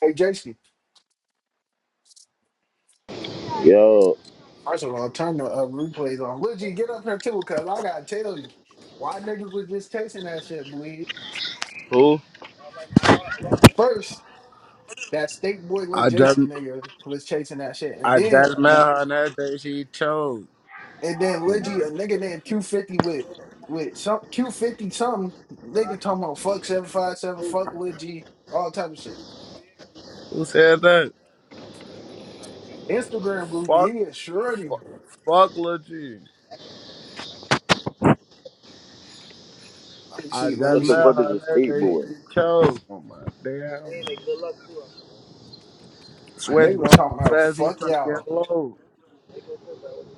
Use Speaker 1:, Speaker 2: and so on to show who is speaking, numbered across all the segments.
Speaker 1: Hey, Jason,
Speaker 2: Yo,
Speaker 1: first of all, turn the uh, replays on. Legit, get up here too, because I got to tell you why niggas was just chasing that shit, bleed.
Speaker 2: Who?
Speaker 1: First, that state boy Lil
Speaker 3: I just
Speaker 1: Jason nigga was chasing that shit. And
Speaker 3: I
Speaker 1: then,
Speaker 3: just met her and that day she chose.
Speaker 1: and then
Speaker 3: Oh my.
Speaker 1: Legit, a nigga named Q50 with with some Q50 something, nigga talking about fuck 757, fuck Legit, all type of shit.
Speaker 3: Who said that?
Speaker 1: Instagram goofy, he
Speaker 3: Fuck
Speaker 1: is surety.
Speaker 3: fuck, fuck Lil G.
Speaker 1: Let me
Speaker 3: I
Speaker 1: see, let
Speaker 3: just
Speaker 1: me
Speaker 2: what the
Speaker 3: met
Speaker 1: see.
Speaker 2: fuck
Speaker 3: her
Speaker 2: is
Speaker 3: and
Speaker 2: a
Speaker 3: that day
Speaker 2: skateboard?
Speaker 3: she chose. Oh my damn.
Speaker 1: Nigga
Speaker 3: Switch going
Speaker 1: was talking
Speaker 3: so
Speaker 1: about
Speaker 3: fast, he's
Speaker 1: fuck
Speaker 3: trying to
Speaker 1: y'all.
Speaker 3: get low.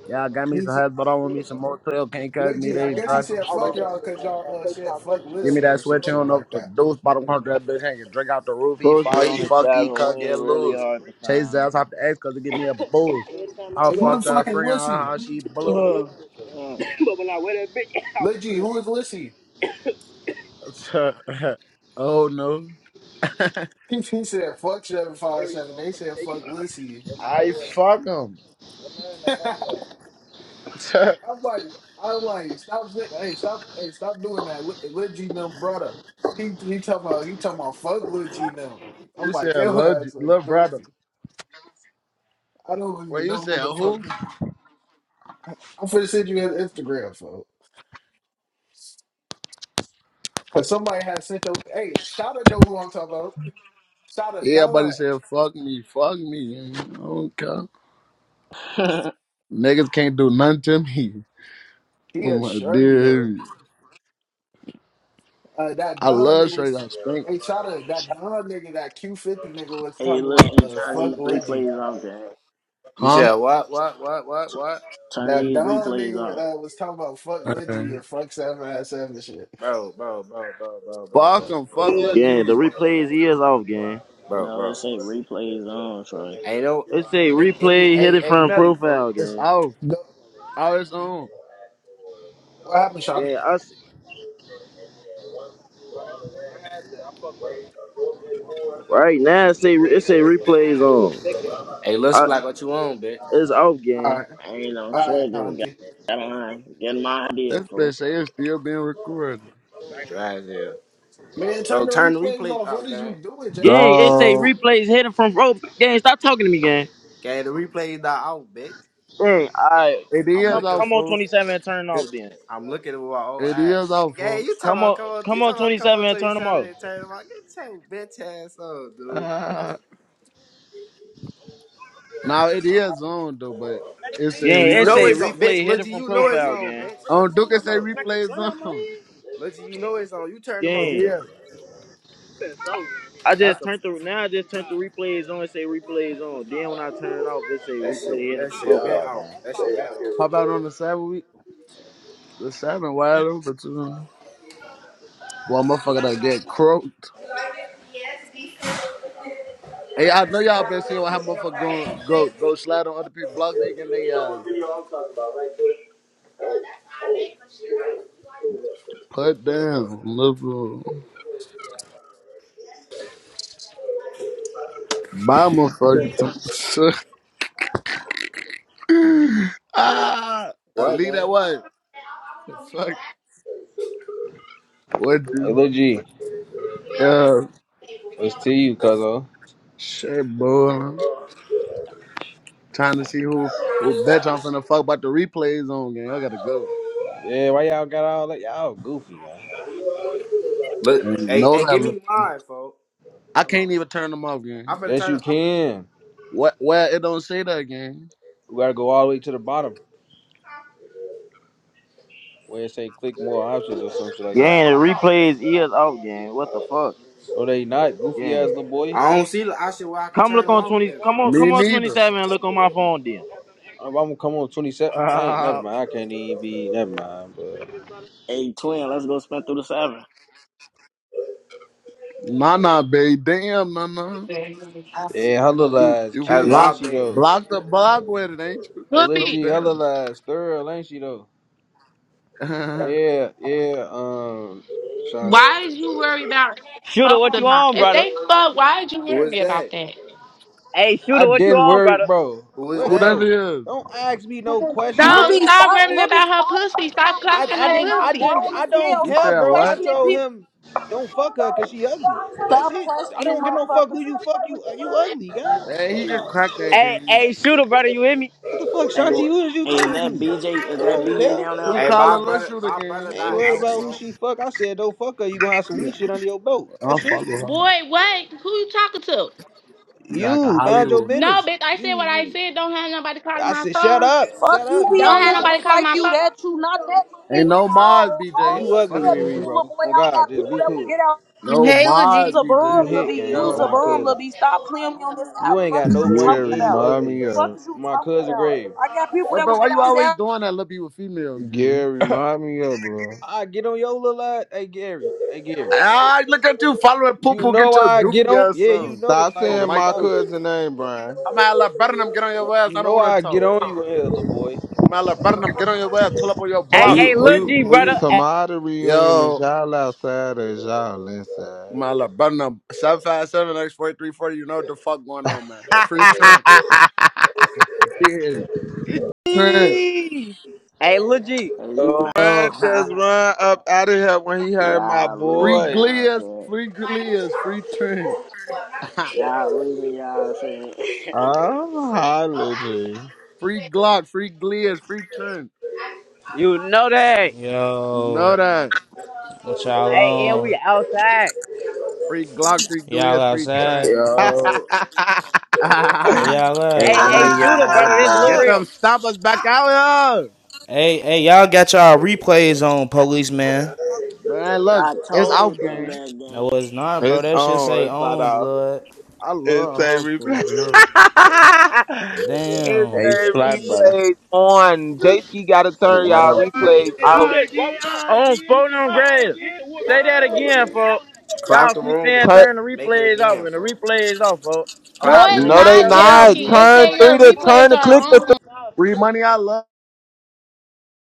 Speaker 3: Yeah, I got me some hats, but I want me some motel. Can't cut me,
Speaker 1: Legit, I
Speaker 3: they
Speaker 1: guess he
Speaker 3: drive too
Speaker 1: said fuck
Speaker 3: slow.
Speaker 1: y'all because y'all uh, said fuck
Speaker 3: Give me
Speaker 1: Lissy
Speaker 3: that
Speaker 1: or some
Speaker 3: switch, you
Speaker 1: shit
Speaker 3: don't know if
Speaker 1: like
Speaker 3: the
Speaker 1: that.
Speaker 3: deuce bottom corner that bitch hanging. Drink out the roof, he
Speaker 2: Posted
Speaker 3: fall, he
Speaker 2: on the
Speaker 3: fucked, he
Speaker 2: tavern
Speaker 3: cut, get
Speaker 2: win really
Speaker 3: loose.
Speaker 2: hard to
Speaker 3: Chase his
Speaker 2: find.
Speaker 3: ass off the X cause it give me a boost. I
Speaker 1: Say, who the
Speaker 3: fucked her
Speaker 1: fuck is
Speaker 3: friend,
Speaker 1: Lissy?
Speaker 3: how she blew.
Speaker 4: Oh, man!
Speaker 1: Legit, who is Lissy?
Speaker 3: oh no,
Speaker 1: He, he said fuck 757. They said fuck Lissy.
Speaker 3: I fuck him.
Speaker 1: I'm like, I'm like, stop saying, hey, stop, hey, stop doing that. Li- Lil G them brother. He he talking about he talking about fuck Lil G them. I'm
Speaker 3: you
Speaker 1: like,
Speaker 3: said
Speaker 1: yo,
Speaker 3: love,
Speaker 1: that's like
Speaker 3: love brother.
Speaker 1: goofy. I don't
Speaker 3: Wait,
Speaker 1: even
Speaker 3: you
Speaker 1: know who
Speaker 3: said
Speaker 1: the fuck.
Speaker 3: who?
Speaker 1: He. I'm finna send you his Instagram, folks. Cause somebody has sent your hey, shout out know who I'm talking about. Shout out
Speaker 3: Everybody
Speaker 1: Don.
Speaker 3: said fuck me, fuck me. And I don't care. Niggas can't do nothing to me.
Speaker 1: He
Speaker 3: Oh
Speaker 1: a
Speaker 3: my
Speaker 1: shorty though.
Speaker 3: dear,
Speaker 1: Uh, that
Speaker 3: I
Speaker 1: Don
Speaker 3: love
Speaker 1: nigga
Speaker 3: straight
Speaker 1: was.
Speaker 3: up spank,
Speaker 1: Hey, shout out that Don nigga, that Q50 nigga was
Speaker 4: hey,
Speaker 1: talking
Speaker 4: look,
Speaker 1: about
Speaker 4: you
Speaker 1: uh,
Speaker 4: turn
Speaker 1: fuck
Speaker 4: these
Speaker 1: Lidgy.
Speaker 4: replays off, gang.
Speaker 5: You
Speaker 3: huh?
Speaker 5: said what, what, what, what,
Speaker 4: T-
Speaker 5: what?
Speaker 4: turn
Speaker 1: That
Speaker 4: these
Speaker 1: Don
Speaker 4: replays
Speaker 1: nigga
Speaker 4: off.
Speaker 1: uh, was talking about fuck Lidgy
Speaker 3: Alright.
Speaker 1: and fuck 7 at seven shit.
Speaker 5: Bro, bro, bro, bro, bro, bro,
Speaker 3: Fuck
Speaker 5: bro,
Speaker 3: him, fuck Lil
Speaker 2: Gang, the
Speaker 3: G.
Speaker 2: replay is years off, gang.
Speaker 5: bro,
Speaker 4: No, it
Speaker 5: bro.
Speaker 4: say replays on, Troy.
Speaker 5: Ain't no,
Speaker 2: It say
Speaker 5: ain't any,
Speaker 2: replay
Speaker 5: ain't,
Speaker 2: hidden
Speaker 5: ain't
Speaker 2: from
Speaker 5: Melly, folk.
Speaker 2: profile
Speaker 3: It's
Speaker 2: again.
Speaker 3: off,
Speaker 1: Go,
Speaker 3: all it's on.
Speaker 1: what happened, Shotty?
Speaker 2: Gang, I s- right now it say it say replays on.
Speaker 5: Hey, Lil
Speaker 2: I,
Speaker 5: Splock, what you on, bitch?
Speaker 2: it's off,
Speaker 1: All
Speaker 2: gang.
Speaker 1: right,
Speaker 4: I ain't no
Speaker 1: all right,
Speaker 4: shit. Just got,
Speaker 1: Conti.
Speaker 4: got on. Get my idea,
Speaker 3: This bitch
Speaker 4: fool.
Speaker 3: say it's still being recorded.
Speaker 5: Dry as hell.
Speaker 1: Man,
Speaker 5: Bro,
Speaker 1: turn the
Speaker 5: turn the
Speaker 1: replays
Speaker 5: replays
Speaker 1: off. What
Speaker 5: off,
Speaker 1: is
Speaker 5: gang.
Speaker 1: you doing, Jason?
Speaker 2: Gang, it say
Speaker 6: Go.
Speaker 2: replays hidden from profile. Gang, stop talking to me, gang.
Speaker 5: Gang, the replays not out, bitch. Fuck,
Speaker 2: Gang,
Speaker 5: come
Speaker 2: I
Speaker 5: on.
Speaker 3: It
Speaker 5: I'm
Speaker 3: is
Speaker 2: come
Speaker 5: looking,
Speaker 3: off,
Speaker 2: come on
Speaker 3: folks.
Speaker 2: 27 and turn it
Speaker 3: It,
Speaker 2: off then.
Speaker 5: I'm looking with my old
Speaker 3: it
Speaker 5: eyes.
Speaker 3: is off,
Speaker 5: Gang, you
Speaker 3: folks.
Speaker 5: talking
Speaker 2: Come
Speaker 5: about,
Speaker 2: on,
Speaker 5: come on, you
Speaker 2: come on
Speaker 5: talking about, come
Speaker 2: 27
Speaker 5: on
Speaker 2: and turn them
Speaker 5: 27
Speaker 2: off.
Speaker 5: and turn them out. Get your bitch ass on, dude.
Speaker 3: Now it is on though, but it's a
Speaker 2: Gang,
Speaker 5: No,
Speaker 2: essay
Speaker 3: replay.
Speaker 5: it's on, bitch.
Speaker 2: replay
Speaker 5: Look,
Speaker 2: hidden from
Speaker 5: you know it's
Speaker 2: profile,
Speaker 5: on,
Speaker 2: gang.
Speaker 5: bitch. Fuck
Speaker 3: On
Speaker 5: is you
Speaker 3: Duke, it's
Speaker 5: talking
Speaker 3: a
Speaker 5: about?
Speaker 3: replay zone.
Speaker 5: Look, you know it's on. You turn them
Speaker 3: It
Speaker 5: on,
Speaker 2: Gang.
Speaker 5: bitch.
Speaker 3: is.
Speaker 2: I
Speaker 3: That's
Speaker 2: just
Speaker 3: a
Speaker 2: turned the now I just turned the replays on It say replays on. Then when I turn it off, it say
Speaker 5: That
Speaker 2: replay
Speaker 5: shit,
Speaker 2: hidden
Speaker 5: that
Speaker 2: from
Speaker 5: shit yeah. been
Speaker 2: profile,
Speaker 5: out.
Speaker 2: gang.
Speaker 5: That shit been out.
Speaker 3: pop out on the seven week. The seven wide open too. Well, motherfucker, that get croaked.
Speaker 5: Yes, be
Speaker 3: Hey, I know y'all been seeing how motherfucker go go go slide on other people's blocks. They getting they uh put down, liberal. My motherfucker. too. ah, I
Speaker 5: What,
Speaker 3: leave that
Speaker 5: gang?
Speaker 3: what the fuck. What
Speaker 7: Hey,
Speaker 3: do?
Speaker 7: Lil G,
Speaker 3: Yeah,
Speaker 7: what's to you, cuzzo?
Speaker 3: shit, boy. trying to see who who bitch I'm finna fuck about the replays on gang. I gotta go.
Speaker 7: Yeah, why y'all got all that? Y'all goofy, man.
Speaker 5: Look,
Speaker 3: And
Speaker 5: hey,
Speaker 3: no
Speaker 5: hey,
Speaker 3: that
Speaker 5: give
Speaker 3: look-
Speaker 5: me mine, folks.
Speaker 3: I
Speaker 5: Hold on.
Speaker 3: can't even turn them off,
Speaker 5: I'm
Speaker 3: gang.
Speaker 5: finna
Speaker 7: Yes,
Speaker 5: turn.
Speaker 7: you
Speaker 5: I'm,
Speaker 7: can.
Speaker 3: What well it don't say that gang.
Speaker 7: We gotta go all the way to the bottom where it say click more options or some shit like that.
Speaker 2: Gang, the replays is off, gang. What the fuck?
Speaker 7: No, they not goofy ass
Speaker 2: Gang.
Speaker 7: little boy.
Speaker 5: I don't see I option where I can
Speaker 2: Come
Speaker 5: turn
Speaker 2: look
Speaker 5: them
Speaker 2: on
Speaker 5: off
Speaker 2: twenty
Speaker 5: at,
Speaker 2: come
Speaker 5: folks.
Speaker 2: on
Speaker 3: Me
Speaker 2: come on twenty
Speaker 3: neither.
Speaker 2: seven and look on my phone then.
Speaker 7: I'm gonna come on 27. I ain't never
Speaker 3: Uh,
Speaker 7: mind. I can't even be. Never mind. But
Speaker 4: Hey, twin, let's go spin through the seven.
Speaker 3: Nah nah babe. Damn nah nah.
Speaker 8: Whoopi,
Speaker 7: yeah, her little
Speaker 3: You
Speaker 7: ass
Speaker 3: you
Speaker 5: That's
Speaker 7: cute, ain't
Speaker 5: my
Speaker 7: she
Speaker 3: blocked
Speaker 5: baby.
Speaker 7: though?
Speaker 3: blocked the block with it, ain't you?
Speaker 7: Hey, Lil
Speaker 3: Slow
Speaker 7: G, her
Speaker 3: down.
Speaker 7: little ass thorough, ain't she though? Yeah, yeah. Um, Shanti,
Speaker 8: why is you worried about if they
Speaker 2: Shooter,
Speaker 8: fucked
Speaker 2: what
Speaker 8: or
Speaker 2: you
Speaker 8: not?
Speaker 2: on,
Speaker 8: If
Speaker 2: brother?
Speaker 8: they fuck, why is you
Speaker 5: Who is
Speaker 8: worried about
Speaker 5: that?
Speaker 8: that?
Speaker 2: Hey, shooter,
Speaker 7: I
Speaker 2: what you
Speaker 7: didn't
Speaker 2: on,
Speaker 7: worry,
Speaker 2: brother?
Speaker 7: bro.
Speaker 5: Who is
Speaker 3: who
Speaker 7: What,
Speaker 3: that
Speaker 5: that?
Speaker 7: bro?
Speaker 3: is?
Speaker 7: Don't ask me no question,
Speaker 9: Lil
Speaker 8: No,
Speaker 9: B,
Speaker 7: gang.
Speaker 8: stop
Speaker 9: stop.
Speaker 8: worrying
Speaker 9: Lil B,
Speaker 8: about her
Speaker 9: stop
Speaker 8: pussy.
Speaker 9: fucking
Speaker 8: Stop
Speaker 9: my
Speaker 7: I
Speaker 9: pussy,
Speaker 8: clocking
Speaker 7: I
Speaker 9: gang.
Speaker 7: didn't
Speaker 8: her
Speaker 9: I'm
Speaker 7: I
Speaker 8: pussy.
Speaker 7: didn't
Speaker 9: grown
Speaker 7: I
Speaker 9: as
Speaker 7: don't
Speaker 9: hell.
Speaker 3: You
Speaker 7: care,
Speaker 9: Stop
Speaker 3: said
Speaker 7: bro. I
Speaker 3: what?
Speaker 9: questioning
Speaker 7: told
Speaker 9: people.
Speaker 7: him don't fuck her cause she ugly. That's
Speaker 9: Stop
Speaker 7: it. I
Speaker 9: questioning
Speaker 7: don't give no fuck who
Speaker 9: motherfuckers.
Speaker 7: you fuck you uh, you ugly guy.
Speaker 3: Man,
Speaker 7: What
Speaker 3: he can
Speaker 7: you
Speaker 3: crack that
Speaker 2: Hey,
Speaker 3: game.
Speaker 2: hey, shooter, brother, you hear me?
Speaker 7: what the fuck,
Speaker 4: Hey, wh-
Speaker 7: Shanti? Who is you
Speaker 4: hey, is
Speaker 7: talking
Speaker 4: that
Speaker 7: to?
Speaker 4: BJ?
Speaker 7: I
Speaker 4: Is that
Speaker 7: don't
Speaker 4: BJ
Speaker 7: care.
Speaker 4: down there?
Speaker 3: Who
Speaker 5: Hey, my
Speaker 3: calling let's
Speaker 5: brother,
Speaker 3: shoot a
Speaker 5: my
Speaker 3: game?
Speaker 7: I
Speaker 5: brother
Speaker 7: ain't
Speaker 5: not
Speaker 3: Slow
Speaker 7: worried
Speaker 5: out,
Speaker 7: about
Speaker 3: down.
Speaker 7: who
Speaker 5: folks.
Speaker 7: she fuck. I said don't fuck her. You gonna have some
Speaker 3: Yeah,
Speaker 7: weak shit under your belt.
Speaker 3: I'll
Speaker 7: That's it.
Speaker 3: follow
Speaker 7: gang.
Speaker 3: her.
Speaker 8: Boy, what? Who you talking to?
Speaker 3: You like a
Speaker 7: You mind your
Speaker 3: Hollywood.
Speaker 8: No,
Speaker 7: business.
Speaker 8: bitch, I said
Speaker 7: You,
Speaker 8: what I
Speaker 7: you
Speaker 8: said. Don't have nobody calling
Speaker 7: I
Speaker 8: my
Speaker 7: said shut
Speaker 8: phone.
Speaker 7: up,
Speaker 9: Fuck
Speaker 7: shut
Speaker 9: you
Speaker 7: up.
Speaker 9: be
Speaker 7: You
Speaker 8: Don't
Speaker 9: on
Speaker 7: don't
Speaker 8: have
Speaker 9: this
Speaker 7: shut
Speaker 8: nobody
Speaker 9: bitch
Speaker 7: up.
Speaker 8: calling
Speaker 9: like
Speaker 8: my
Speaker 9: you
Speaker 8: phone.
Speaker 9: that you not that me
Speaker 3: Ain't
Speaker 9: at
Speaker 3: no mod,
Speaker 9: all.
Speaker 3: BJ.
Speaker 9: All
Speaker 7: You
Speaker 9: your
Speaker 3: Fuck
Speaker 7: ugly,
Speaker 3: is
Speaker 9: dead
Speaker 3: you
Speaker 7: Riri,
Speaker 3: doing?
Speaker 9: people, little
Speaker 7: bro.
Speaker 9: boy.
Speaker 7: Oh
Speaker 9: I
Speaker 7: God,
Speaker 9: got
Speaker 7: just
Speaker 9: people
Speaker 7: be
Speaker 9: that will
Speaker 7: cool.
Speaker 9: get out.
Speaker 3: No
Speaker 10: Hey, Lejeune.
Speaker 9: Use
Speaker 3: mod,
Speaker 9: a
Speaker 7: You a
Speaker 3: BJ.
Speaker 9: bum, Lil B.
Speaker 7: hit, gang.
Speaker 9: Use
Speaker 7: On
Speaker 9: a
Speaker 3: No.
Speaker 7: my
Speaker 9: bum, Lil
Speaker 7: cousin.
Speaker 9: B. Stop playing me on this app.
Speaker 7: You ain't
Speaker 9: Fuck
Speaker 7: got
Speaker 9: is
Speaker 7: no
Speaker 9: you talking
Speaker 7: money
Speaker 11: Gary,
Speaker 7: and you
Speaker 9: about?
Speaker 11: remind
Speaker 7: ugly.
Speaker 11: me
Speaker 9: Fuck
Speaker 11: up.
Speaker 9: is you
Speaker 7: My
Speaker 9: talking
Speaker 7: cousin
Speaker 9: about?
Speaker 7: Grave.
Speaker 9: I got people
Speaker 3: But
Speaker 9: that will
Speaker 3: bro, why
Speaker 9: get
Speaker 3: you always
Speaker 9: outside.
Speaker 3: doing that little bit with females, man?
Speaker 11: Gary, remind me up, bro.
Speaker 7: I get on your little ass. Hey Gary. Hey Gary.
Speaker 3: Ah, look at you following poo
Speaker 7: You
Speaker 3: poo, get
Speaker 7: know
Speaker 3: your
Speaker 7: I get
Speaker 3: goofy
Speaker 7: on.
Speaker 3: ass
Speaker 7: Yeah,
Speaker 11: And
Speaker 7: you
Speaker 3: on.
Speaker 7: know.
Speaker 11: Stop
Speaker 7: Like
Speaker 3: Oh,
Speaker 7: go
Speaker 11: saying
Speaker 3: Mike
Speaker 11: my
Speaker 7: stop.
Speaker 3: Duke.
Speaker 11: cousin name, Brian.
Speaker 3: I'm gonna let Burnham get on your ass.
Speaker 7: You
Speaker 3: I don't
Speaker 7: know
Speaker 3: wanna
Speaker 7: I get
Speaker 3: talk.
Speaker 7: on you in here, little boy.
Speaker 3: I'm gonna let Burnham get on your ass, pull up on your
Speaker 5: Oh,
Speaker 2: Hey,
Speaker 3: block.
Speaker 5: you,
Speaker 2: hey,
Speaker 5: oh,
Speaker 2: Lil
Speaker 5: you,
Speaker 2: G,
Speaker 5: oh, you.
Speaker 2: brother. Hey,
Speaker 11: Somebody reunion is
Speaker 3: Yo,
Speaker 11: y'all outside or is y'all
Speaker 3: I'm
Speaker 11: inside?
Speaker 3: gonna let Burnham 757 x 4340 You know what the fuck going on, man. Free Trent. I did. Trent.
Speaker 11: Eee.
Speaker 2: hey, Lil G,
Speaker 4: Hey, you.
Speaker 11: Oh,
Speaker 3: Uh,
Speaker 11: man, just run up out of here when he heard my
Speaker 4: y'all
Speaker 3: free
Speaker 4: losing
Speaker 11: voice.
Speaker 4: y'all
Speaker 3: Glias,
Speaker 4: shit.
Speaker 3: free Glias, free Trent.
Speaker 4: Y'all losing y'all shit.
Speaker 11: I'm hollering.
Speaker 3: Free Glock, free Glias, free Trent.
Speaker 2: you know that.
Speaker 3: know
Speaker 12: Yo,
Speaker 3: that.
Speaker 12: what y'all
Speaker 2: Hey, and we
Speaker 12: on?
Speaker 2: outside.
Speaker 3: Free Glock, free
Speaker 12: Y'all
Speaker 3: Glias, free
Speaker 12: outside?
Speaker 3: Trent.
Speaker 13: Yo,
Speaker 3: get
Speaker 12: Where y'all
Speaker 13: hey,
Speaker 2: Hey,
Speaker 12: at?
Speaker 13: let
Speaker 2: hey,
Speaker 3: up.
Speaker 13: me get
Speaker 2: shooter,
Speaker 13: my
Speaker 2: brother, this
Speaker 13: brother.
Speaker 2: Lil
Speaker 3: Get
Speaker 11: ah!
Speaker 2: Real.
Speaker 3: them stoppers back out here.
Speaker 12: Hey, hey, y'all got y'all replays on, policeman.
Speaker 3: Man, look,
Speaker 4: I
Speaker 3: it's out
Speaker 4: told them
Speaker 3: game.
Speaker 4: that
Speaker 12: No, it's not, bro.
Speaker 11: it's
Speaker 12: That shit
Speaker 11: on.
Speaker 12: say
Speaker 11: It's not
Speaker 12: on
Speaker 11: off.
Speaker 12: blood.
Speaker 3: I
Speaker 11: It's a
Speaker 3: love her for
Speaker 11: replay.
Speaker 3: right here.
Speaker 11: it's
Speaker 12: Damn.
Speaker 13: Hey,
Speaker 11: a
Speaker 13: flat brother.
Speaker 11: replays on. J. Ski got to
Speaker 3: I
Speaker 11: turn y'all
Speaker 3: love.
Speaker 11: replays out.
Speaker 2: On phone on grade. Say that again, folks. Y'all
Speaker 5: Clock the
Speaker 2: keep
Speaker 5: room and
Speaker 2: saying
Speaker 11: Turn,
Speaker 5: and
Speaker 2: turn the
Speaker 5: make it
Speaker 2: replays off,
Speaker 5: again,
Speaker 2: and the
Speaker 5: folks.
Speaker 2: replays off, folks. I'm
Speaker 8: No,
Speaker 5: Clock
Speaker 2: not
Speaker 5: the
Speaker 8: it's
Speaker 2: gonna
Speaker 11: no,
Speaker 2: keep
Speaker 5: room.
Speaker 11: they
Speaker 8: not
Speaker 2: telling
Speaker 8: J
Speaker 2: y'all
Speaker 11: not.
Speaker 8: Ski.
Speaker 2: again,
Speaker 8: It said
Speaker 11: Turn
Speaker 2: folks.
Speaker 8: your
Speaker 11: three to
Speaker 8: replays
Speaker 11: turn to
Speaker 8: are
Speaker 11: click.
Speaker 8: on.
Speaker 3: Free money, I love.